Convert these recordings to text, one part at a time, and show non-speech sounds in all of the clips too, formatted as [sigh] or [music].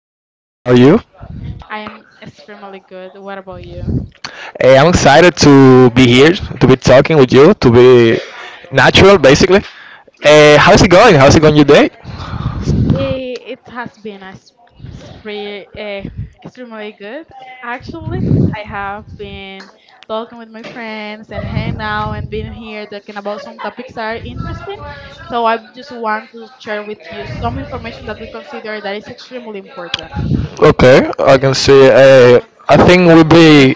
Hi, how are you? I am extremely good. What about you? I'm excited to be here, to be talking with you, to be natural, basically. How's it going? How's it going your day? It has been a spre- eh, extremely good. Actually, I have been talking with my friends and hanging out and being here talking about some topics that are interesting. So I just want to share with you some information that we consider that is extremely important. Okay, I can see. I think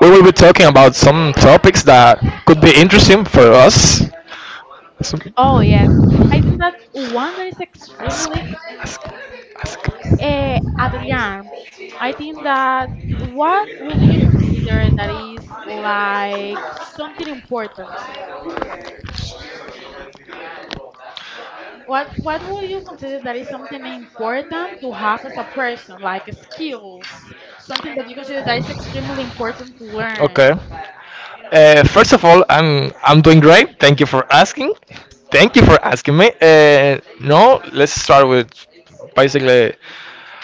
we will be talking about some topics that could be interesting for us. So- Oh yes, I think that one that is extremely Adrian, I think that what would you consider that is like something important? What would you consider that is something important to have as a person, like skills, something that you consider that is extremely important to learn? okay. First of all, I'm doing great. Thank you for asking. Thank you for asking me. No, let's start with basically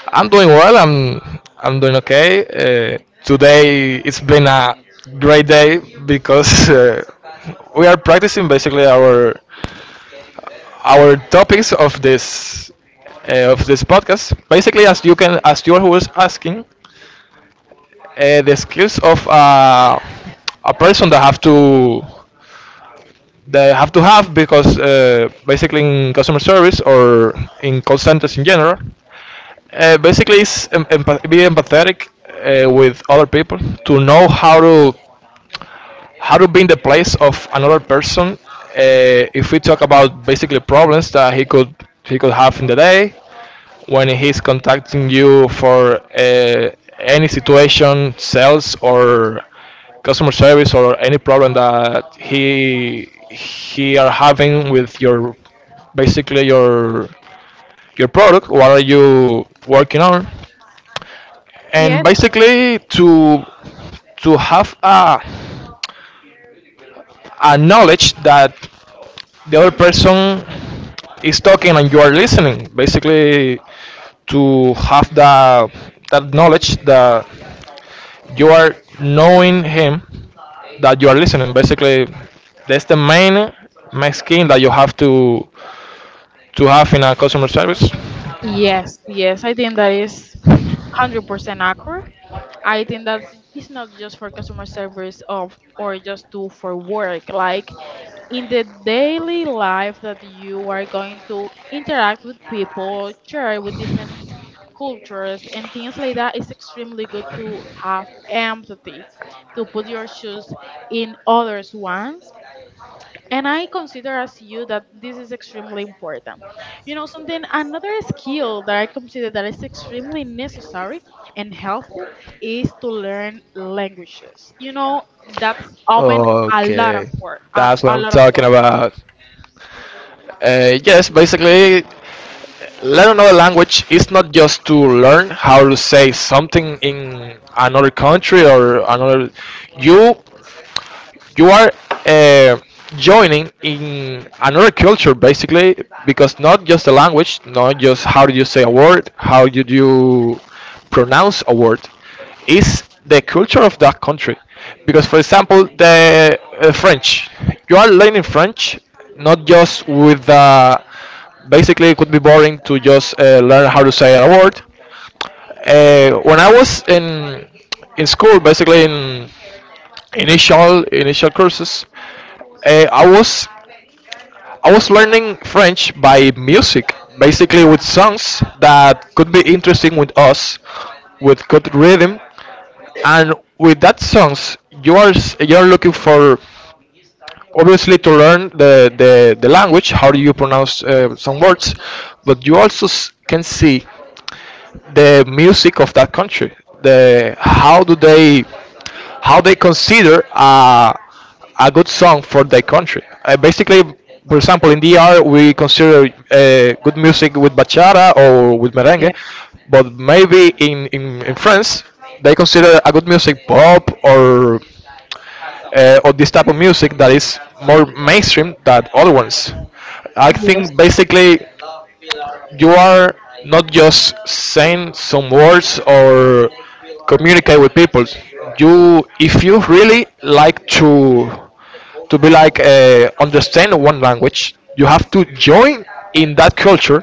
I'm doing well. I'm doing okay. Today it's been a great day because we are practicing basically our topics of this podcast. Basically, as you can as you was asking, the skills of a person that have to they have to have because basically in customer service or in call centers in general. Basically, it's be empathetic with other people to know how to be in the place of another person. If we talk about basically problems that he could have in the day, when he's contacting you for any situation, sales or customer service or any problem that he are having with your basically your product. What are you working on? Yes, And basically to have a knowledge that the other person is talking and you are listening basically to have the that knowledge that you are knowing him, that you are listening basically, that's the main main skill that you have to have in a customer service. yes, yes. I think that is 100% accurate. I think that it's not just for customer service of or just do for work. Like in the daily life that you are going to interact with people, share with different cultures and things like that, it's extremely good to have empathy, to put your shoes in others' ones. And I consider as you that this is extremely important. You know, something, another skill that I consider that is extremely necessary and helpful is to learn languages. You know, that's open a lot of Okay, door, a, that's what a I'm lot of talking doors. about. Yes, basically learn another language is not just to learn how to say something in another country or another you you are uh, joining in another culture basically, because not just the language, not just how do you say a word, how do you pronounce a word, is the culture of that country. Because for example the French, you are learning French, not just with basically it could be boring to just learn how to say a word. When I was in school, basically in initial courses, uh, i was I was learning French by music, basically with songs that could be interesting with us, with good rhythm. And with that songs you are you're looking for obviously to learn the language, how do you pronounce some words. But you also can see the music of that country. The how do they how they consider a good song for their country. Basically, for example, in DR we consider good music with bachata or with merengue, but maybe in France they consider a good music pop or this type of music that is more mainstream than other ones. I Yes. think basically you are not just saying some words or communicate with people. You, if you really like to be like understand one language, you have to join in that culture,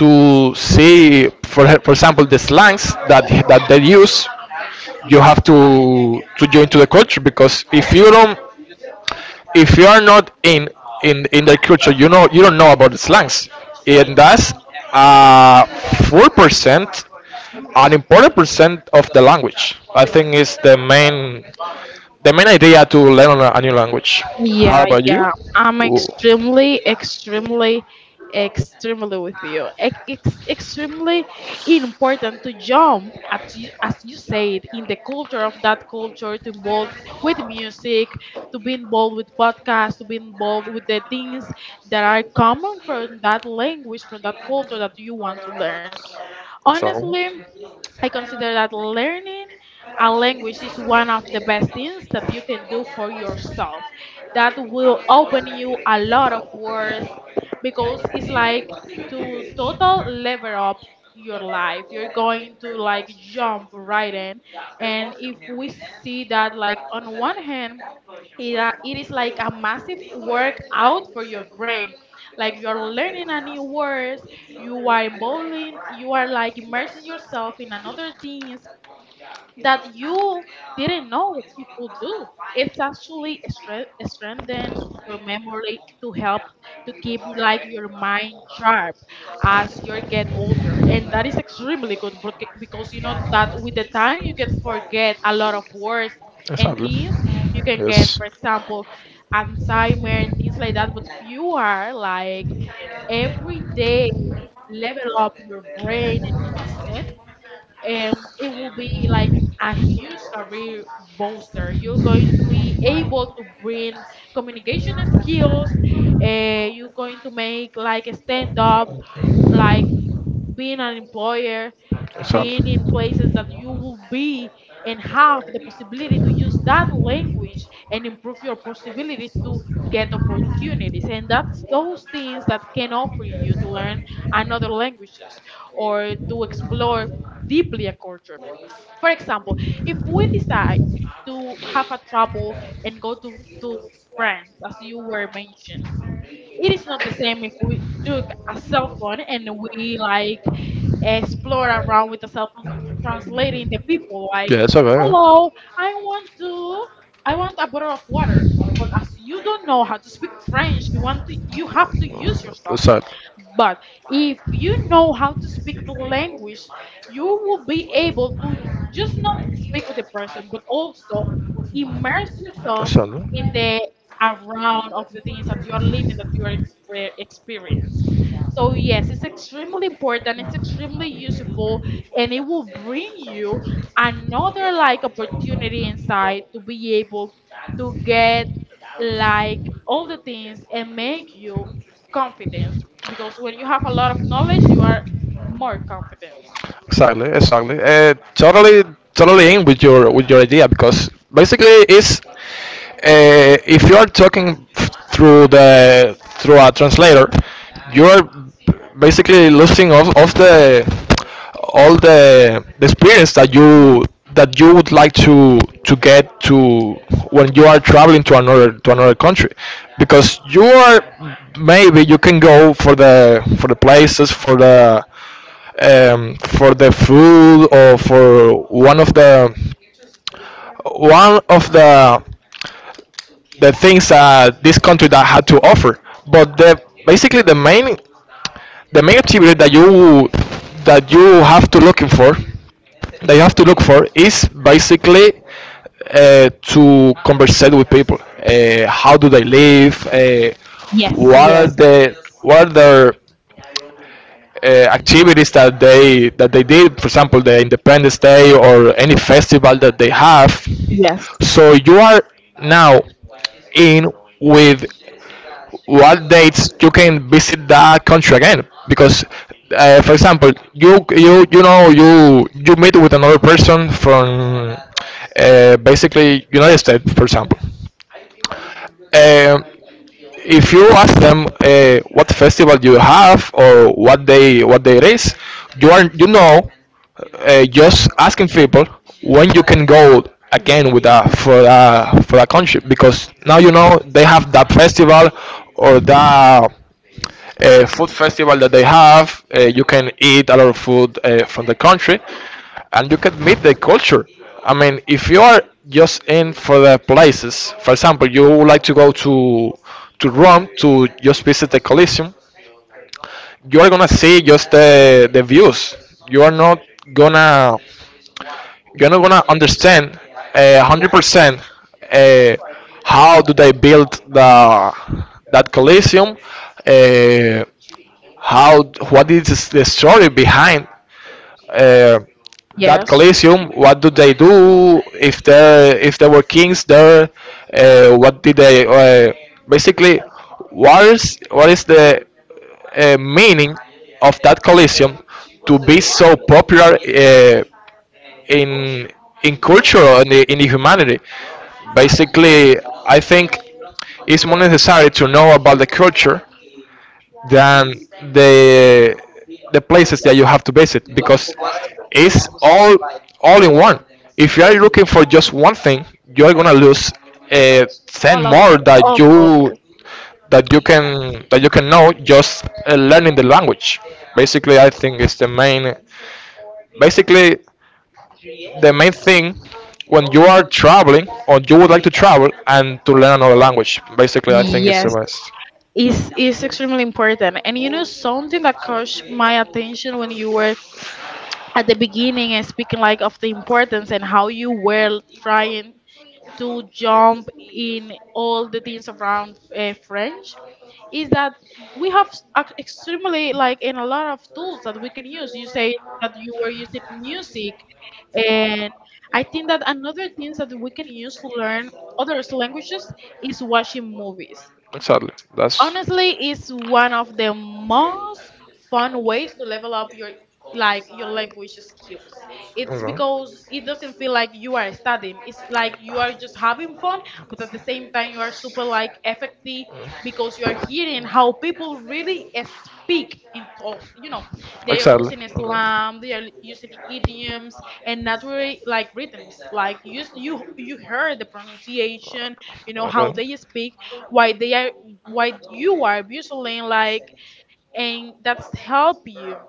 to see, for example, the slangs that they use. You have to join to the culture, because if you don't, if you are not in the culture, you know, you don't know about the slangs, and that's uh 4%, an important percent of the language. I think is the main idea to learn a new language. How Yeah, about you? yeah. I'm Ooh, extremely with you. Extremely important to jump at you, as you said, in the culture of that culture, to involve with music, to be involved with podcasts, to be involved with the things that are common from that language, from that culture that you want to learn. so Honestly, I consider that learning a language is one of the best things that you can do for yourself. That will open you a lot of doors because it's like to total level up your life. You're going to like jump right in. And if we see that like on one hand it is like a massive workout for your brain, like you are learning a new words, you are involving, you are like immersing yourself in another thing that you didn't know that you could do. It's actually strengthen your memory to help to keep like your mind sharp as you get older, and that is extremely good because you know that with the time you can forget a lot of words and exactly. things. You can get, Yes. for example, alzheimer and things like that, but if you are like every day level up your brain, and it will be like a huge career booster. You're going to be able to bring communication skills. You're going to make like a stand up, like being an employer, being in places that you will be and have the possibility to use that language and improve your possibilities to get opportunities. And that's those things that can offer you to learn another languages or to explore deeply a culture. For example, if we decide to have a travel and go to France, as you were mentioned, it is not the same if we took a cell phone and we like explore around with the cell phone, translating the people like, Yeah, it's okay. "Hello, I want to, I want a bottle of water." But as you don't know how to speak French, you want to, you have to use your cell phone. Exactly. But if you know how to speak the language, you will be able to just not speak with the person, but also immerse yourself in the around of the things that you are living, that you are experience. So yes, it's extremely important, it's extremely useful, and it will bring you another like opportunity inside to be able to get like all the things and make you confident, because when you have a lot of knowledge you are more confident. Exactly, exactly. Totally, totally in with your idea, because basically it's if you are talking through the through a translator, you are basically losing of the all the experience yes that you would like to get to, when you are traveling to another country. Because you are maybe you can go for the places, for the food, or for one of the things this country that had to offer. But the basically the main activity that you have to looking for, that you have to look for, is basically to conversate with people. How do they live? Yes What are yes the what are their activities that they did, for example, the Independence Day or any festival that they have. yes So you are now in with what dates you can visit that country again, because for example, you know, you meet with another person from basically United States for example, um, if you ask them what festival you have or what day it is, you are you know just asking people when you can go again with that, for that for that country, because now you know they have that festival or that food festival that they have. You can eat a lot of food from the country, and you can meet the culture. I mean, if you are just in for the places, for example, you would like to go to Rome to just visit the Colosseum, you are gonna see just the views. You are not gonna you're not gonna understand a 100% uh, how do they build the that Colosseum. Uh, how what is the story behind uh, that yes Coliseum? What do they do if there were kings there? What did they basically? What is the meaning of that Coliseum to be so popular in in culture and in humanity? Basically, I think it's more necessary to know about the culture than the the places that you have to visit, because it's all in one. If you are looking for just one thing, you are gonna lose ten more All of that you can know just learning the language. Basically, I think it's the main. Basically, the main thing when you are traveling or you would like to travel and to learn another language. Basically, I think it's the it best. Is extremely important. And you know something that caught my attention when you were at the beginning and speaking like of the importance and how you were trying to jump in all the things around French is that we have extremely like in a lot of tools that we can use. You say that you were using music, and I think that another things that we can use to learn other languages is watching movies. Exactly. That's Honestly, it's one of the most fun ways to level up your like your language skills. It's Ulan. because it doesn't feel like you are studying, it's like you are just having fun, but at the same time you are super like effective because you are hearing how people really speak in talk. You know, they are Exactly. using Okay. slang, they are using idioms and naturally like rhythms. Like you heard the pronunciation, you know how they speak, why they are, why you are abusing like, Okay. and that's help you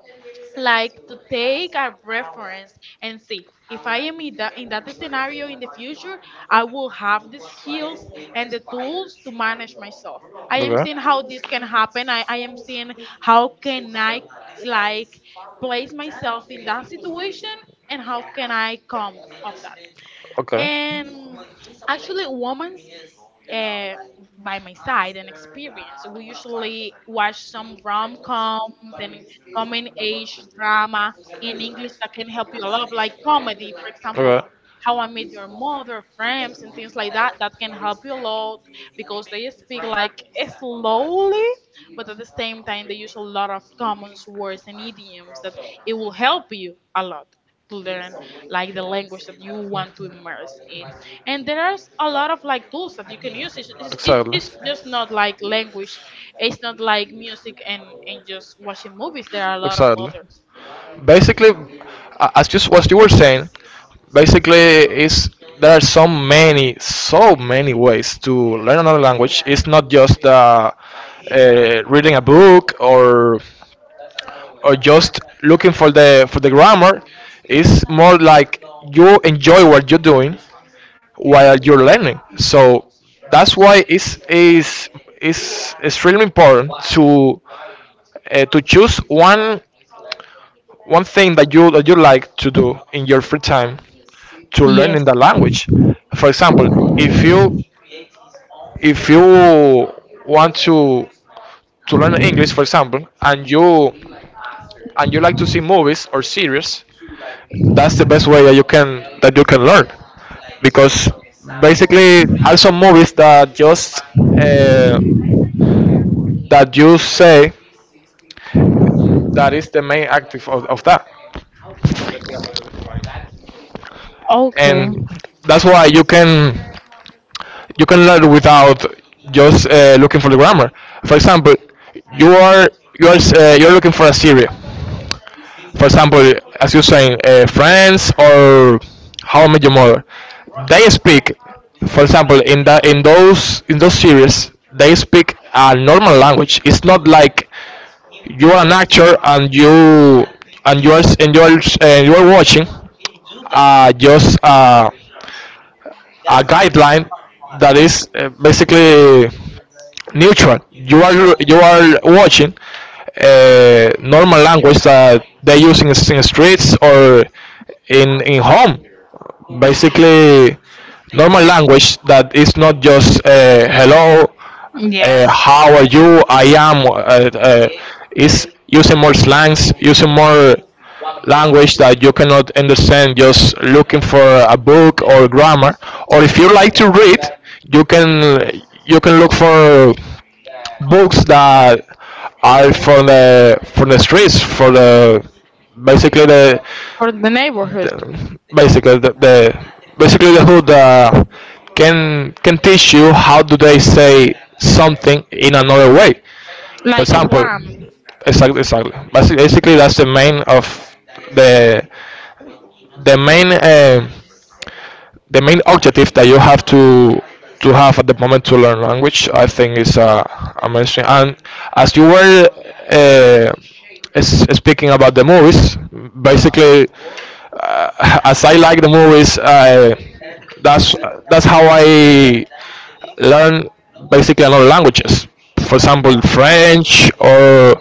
like to take a reference and see if I am in that, in that scenario in the future I will have the skills and the tools to manage myself. I am seeing how this can happen. I am seeing how can I like place myself in that situation and how can I come of that. And actually women uh, by my side and experience. We usually watch some rom coms and coming age drama in English that can help you a lot, like comedy, for example. How I Met Your Mother, Friends, and things like that, that can help you a lot because they speak like slowly, but at the same time, they use a lot of common words and idioms that it will help you a lot to learn like the language that you want to immerse in. And there's a lot of like tools that you can use. it's, Okay, it's, it's exactly, it's just not like language, it's not like music and just watching movies. There just are a lot of exactly. others. Basically, as just what you were saying, basically is there are so many, so many ways to learn another language. It's not just reading a book or just looking for the grammar. It's more like you enjoy what you're doing while you're learning, so that's why it's is extremely important to choose one one thing that you like to do in your free time, to learn Yes. in the language. For example, if you if you want to learn English for example, and you like to see movies or series, that's the best way that you can learn. Because basically also movies that just uh, that you say, that is the main active of that, Okay. and that's why you can learn without just looking for the grammar. For example, you are you are you're looking for a series for example, as you're saying, Friends or How I Met Your Mother, they speak. For example, in that in those series, they speak a normal language. It's not like you are an actor and you are and you are, and you are watching just a guideline that is basically neutral. You are watching normal language that they use in streets or in home, basically normal language that is not just hello, how are you, I am. Is using more slangs, using more language that you cannot understand just looking for a book or grammar. Or if you like to read, you can look for books that are for the streets, for the basically For the neighborhood. Basically the basically the hood can teach you how do they say something in another way. For Like example, Islam. exactly, exactly. Basically, that's the main of the the main uh, the main objective that you have to have at the moment to learn language, I think is amazing. And as you were uh, speaking about the movies, basically, [laughs] as I like the movies, that's that's how I learn basically another languages. For example, French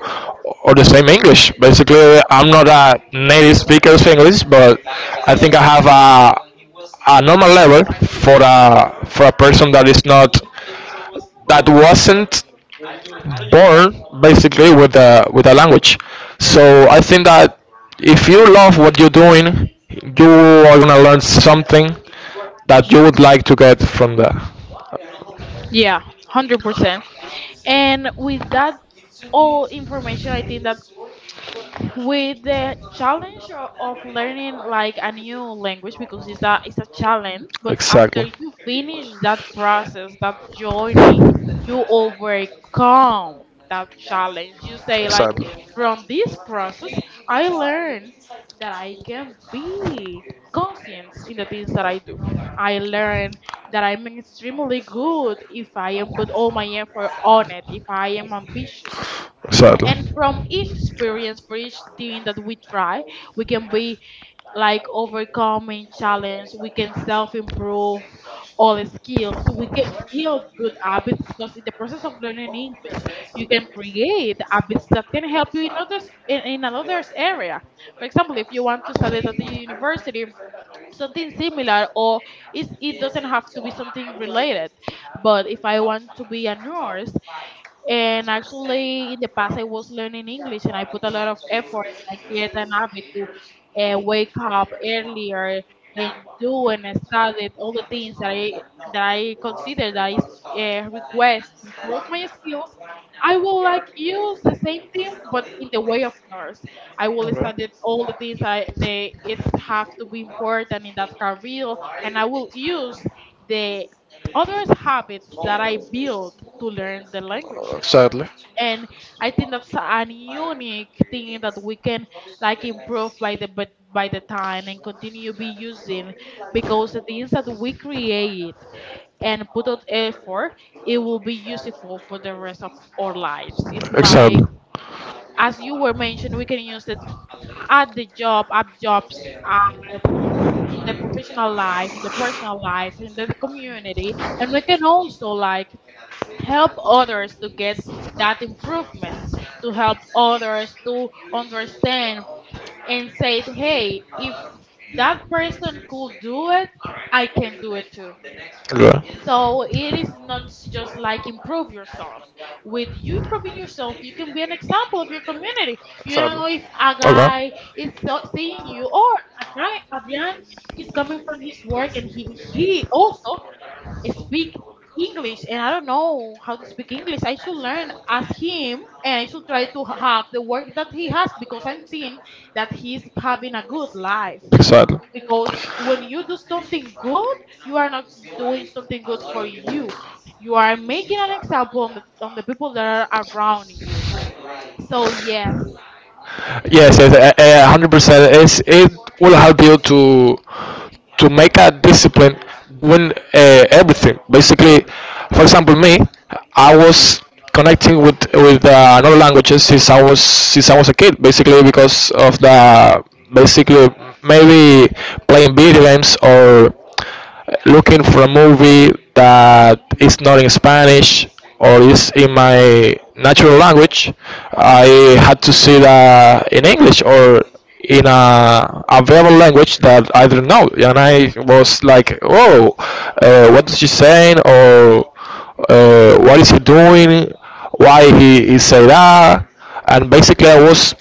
or the same English. Basically, I'm not a native speaker of English, but I think I have a normal level for a person that is not that wasn't born basically with a language. So I think that if you love what you're doing, you are gonna learn something that you would like to get from there. Yeah, 100%. And with that all information, I think that with the challenge of learning like a new language, because it's a challenge, but after Exactly. you finish that process, that journey, you overcome that challenge. You say like Sadly. from this process I learn that I can be conscient in the things that I do. I learn that I'm extremely good if I am put all my effort on it, if I am ambitious, Sadly. and from each experience, for each thing that we try, we can be like overcoming challenge. We can self improve all skills. We can build good habits because in the process of learning English, you can create habits that can help you in others, in another's area. For example, if you want to study at the university, something similar, or it doesn't have to be something related, but if I want to be a nurse, and actually, in the past, I was learning English and I put a lot of effort. I created an habit to wake up earlier and do and study all the things that I consider that is request to improve my skills. I will like use the same thing, but in the way of nurse. I will Okay. study all the things I they it's have to be important in that career, and I will use the other habits that I built to learn the language. Sadly. And I think that's an unique thing that we can like improve by the but by the time and continue be using, because the things that we create and put out effort, it will be useful for the rest of our lives. It's like Exactly. as you were mentioned, we can use it at the job, at jobs, at, in the professional life, in the personal life, in the community. And we can also like help others to get that improvement, to help others to understand and say, hey, if that person could do it, I can do it too. So it Yeah. is not just like improve yourself. With you improving yourself, you can be an example of your community. You don't know Sadly. if a Okay. guy is seeing you, or a guy, a man is coming from his work and he also speak English, and I don't know how to speak English. I should learn as him and I should try to have the work that he has because I'm seeing that he's having a good life. Exactly. Because when you do something good, you are not doing something good for you. You are making an example on the people that are around you. So, yes. Yes, yes, 100%. It will help you to make a discipline doing everything. Basically, for example, me, I was connecting with another languages since I was a kid. Basically, because of the basically maybe playing video games or looking for a movie that is not in Spanish or is in my natural language, I had to see that in English or in a available language that I didn't know, and I was like, "Oh, what is she saying? Or what is he doing? Why he say that?" And basically, I was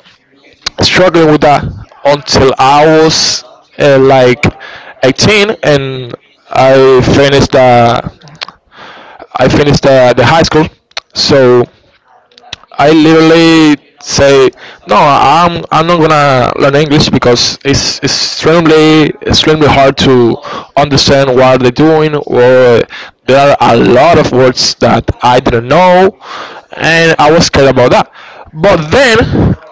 struggling with that until I was like 18, and I finished uh, I finished the high school. So I literally say no. I'm not gonna learn English because it's extremely extremely hard to understand what they're doing. Or there are a lot of words that I didn't know, and I was scared about that. But then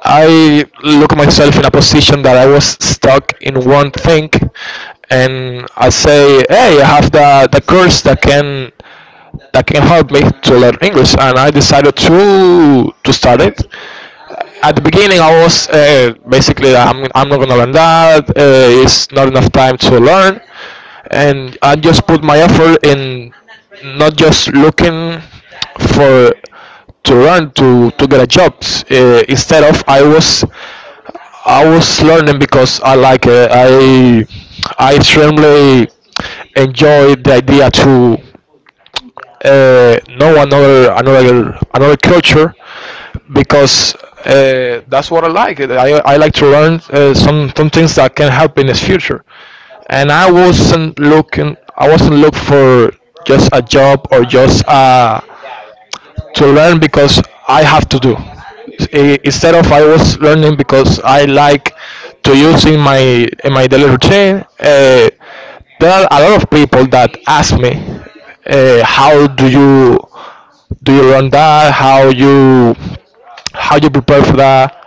I look myself in a position that I was stuck in one thing, and I say, hey, I have the course that can help me to learn English, and I decided to start it. At the beginning, I was basically I'm not gonna learn that. It's not enough time to learn, and I just put my effort in not just looking for to learn to get a job. Instead of I was learning because I like it. I extremely enjoy the idea to know another another culture because that's what I like. I like to learn some things that can help in this future. And I wasn't looking for just a job or just a to learn because I have to do. Instead of I was learning because I like to use in my daily routine. There are a lot of people that ask me, how do you learn that? How you prepare for that?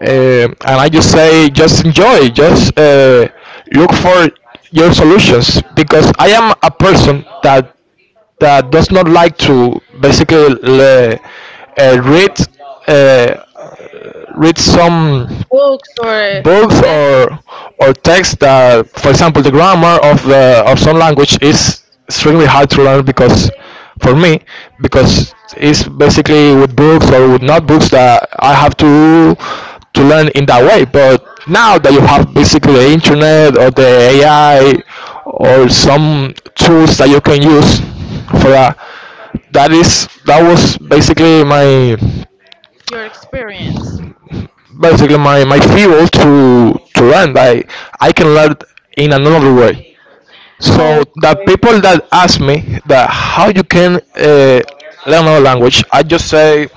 And I just say, just enjoy, just look for your solutions because I am a person that that does not like to basically read uh, read some Books or books text. Or texts that, for example, the grammar of the of some language is extremely hard to learn because for me because it's basically with books or with notebooks that I have to learn in that way. But now that you have basically the internet or the AI or some tools that you can use for that, that is that was Your experience. basically my, my fuel to learn that I can learn in another way. So the Okay. people that ask me that how you can learn another language, I just say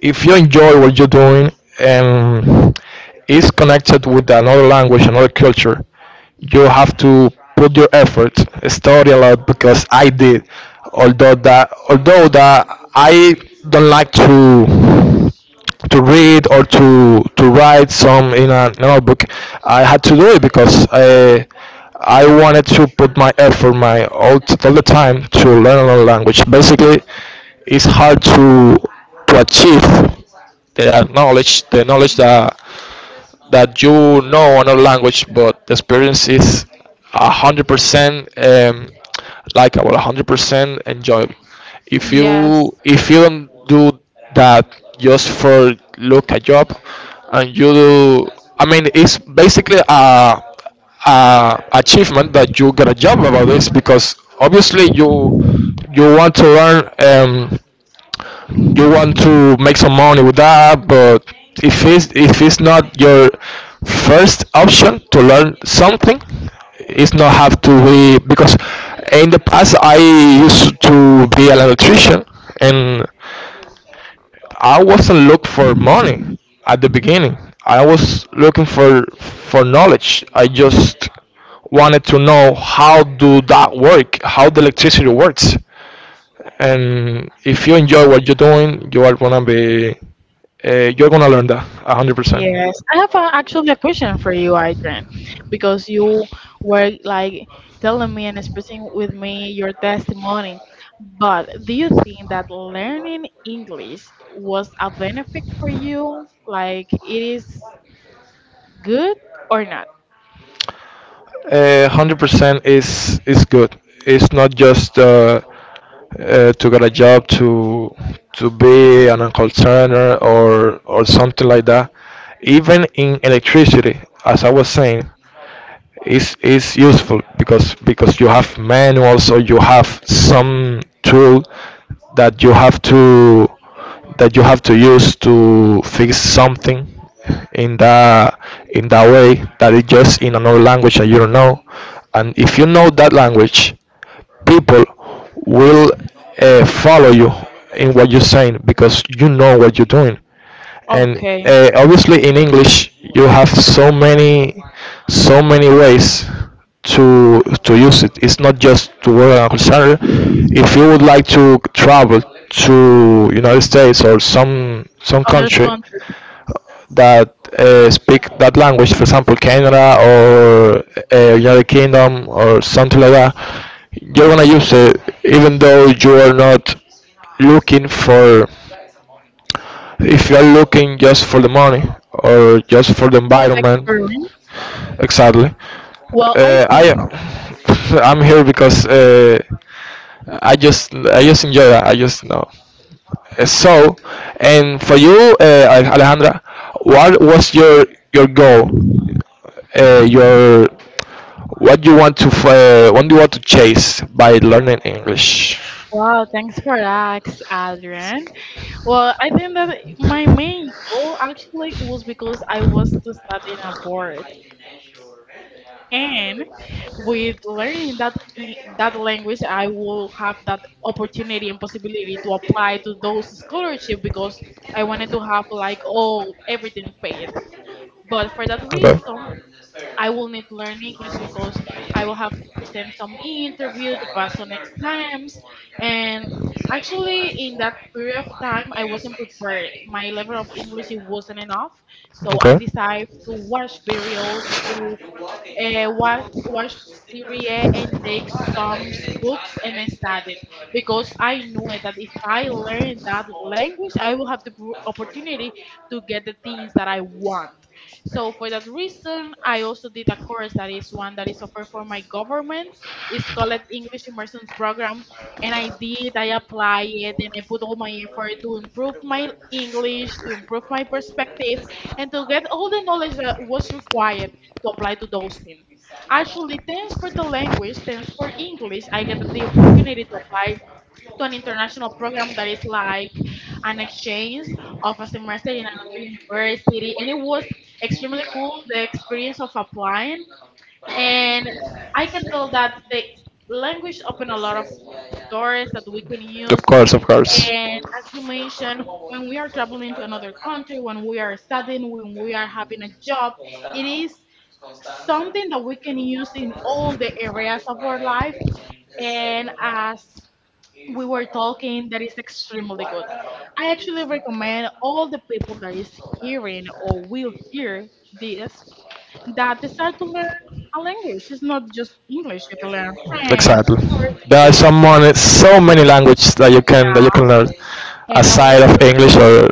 if you enjoy what you're doing and is connected with another language, another culture, you have to put your effort, study a lot because I did. Although that I don't like to read or to write some in a notebook, I had to do it because I wanted to put my effort, my all the time to learn another language. Basically, it's hard to achieve the knowledge that that you know another language, but the experience is 100% about 100% enjoyable. Yes. If you don't do that just for look a job, and you do, I mean, it's basically a achievement that you get a job about this because obviously you you want to learn. You want to make some money with that but if it's not your first option to learn something it's not have to be because in the past I used to be an electrician and I wasn't look for money at the beginning I was looking for knowledge I just wanted to know how do that work how the electricity works and if you enjoy what you're doing you are gonna be you're gonna learn that 100%. Yes, I have a, actually a question for you, Adrian, because you were like telling me and expressing with me your testimony. But do you think that learning English was a benefit for you? Like it is good or not? Uh, 100% is good, it's not just to get a job to be an call center or something like that. Even in electricity as I was saying is useful because you have manuals or you have some tool that you have to that you have to use to fix something in that in that way that it just in another language that you don't know and if you know that language people will follow you in what you're saying because you know what you're doing and Okay, obviously in english you have so many so many ways to use it it's not just to work on a call center if you would like to travel to united states or some others country countries. that speak that language for example canada or united kingdom or something like that you're gonna use it even though you are not looking for if you're looking just for the money or just for the For the environment, experience. exactly. Well, I I think. [laughs] I'm here because I just enjoy that. I just know. So, and for you, Alejandra, what was your goal? Your what do you want to chase by learning English? Wow, thanks for that, Adrian. Well, I think that my main goal actually was because I was to study in abroad. And with learning that that language I will have that opportunity and possibility to apply to those scholarship, because I wanted to have like all everything paid, but for that Okay. reason I will need to learn english because I will have to present some interview to pass on exams. And actually in that period of time I wasn't prepared, my level of english it wasn't enough, so I Okay. decided to watch videos, to watch Serie and take some books and studied, because I knew it, that if I learn that language, I will have the opportunity to get the things that I want. So for that reason, I also did a course that is one that is offered for my government. It's called English Immersion Program, and I did. I applied it, and I put all my effort to improve my English, to improve my perspective, and to get all the knowledge that was required to apply to those things. Actually, thanks for the language, thanks for English, I get the opportunity to apply to an international program that is like an exchange of a semester in another university, and it was extremely cool the experience of applying. And I can tell that the language opened a lot of doors that we can Of use. course, of course. And as you mentioned, when we are traveling to another country, when we are studying, when we are having a job, it is something that we can use in all the areas of our life. And as we were talking, that is extremely good. I actually recommend all the people that is hearing or will hear this that decide to learn a language. It's not just English, you can learn French, Exactly. There are Portuguese, someone so many languages that you can learn and that will aside of English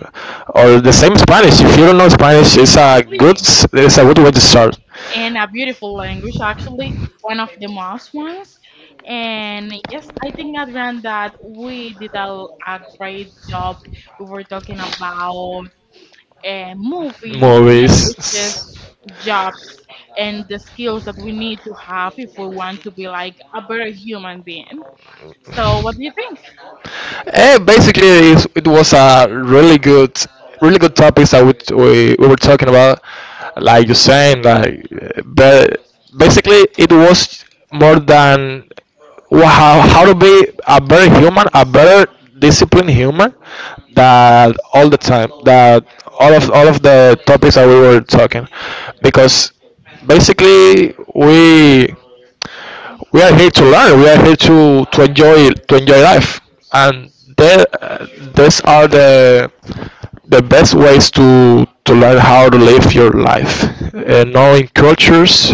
or the same Spanish. If you don't know Spanish, it's a good be it's a good way to start. in a beautiful language, actually, one of the most ones. And yes, I think, Adrian, that we did a great job. We were talking about movies, languages, Movies. [laughs] jobs, and the skills that we need to have if we want to be like a better human being. So, what do you think? Basically, it was a really good, really good topics that we were talking about. Like you're saying, like, but basically, it was more than how to be a better human, a better disciplined human, that all the time, that all of the topics that we were talking, because basically we are here to learn. We are here to, to enjoy life, and the, uh, these are the best ways to learn how to live your life. Knowing cultures,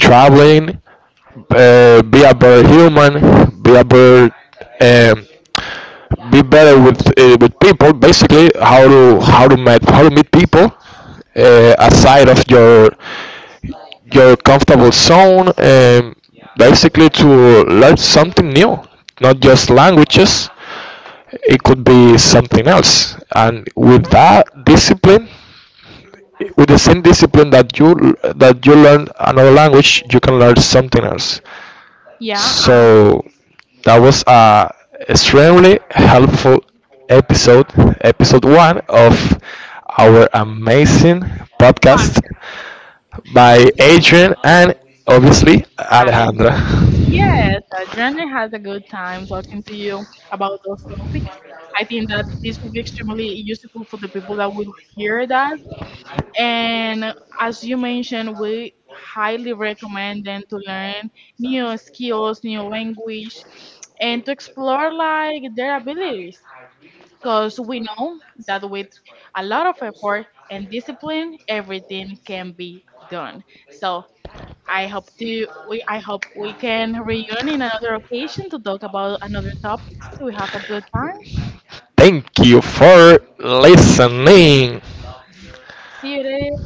traveling, be a better human, be a better um, be better with people. Basically, how to meet people aside of your comfortable zone and basically to learn something new, not just languages. It could be something else, and with that discipline with the same discipline that you learn another language you can learn something else. Yeah, So that was a extremely helpful episode, episode one of our amazing what, podcast by Adrian and obviously um, Alejandra. yes, Adriana had a good time talking to you about those topics. I think that this will be extremely useful for the people that will hear that. And as you mentioned, we highly recommend them to learn new skills, new language, and to explore like their abilities. Because we know that with a lot of effort and discipline, everything can be done. So I hope we can reunion in another occasion to talk about another topics. We have a good time. Thank you for listening. See you there.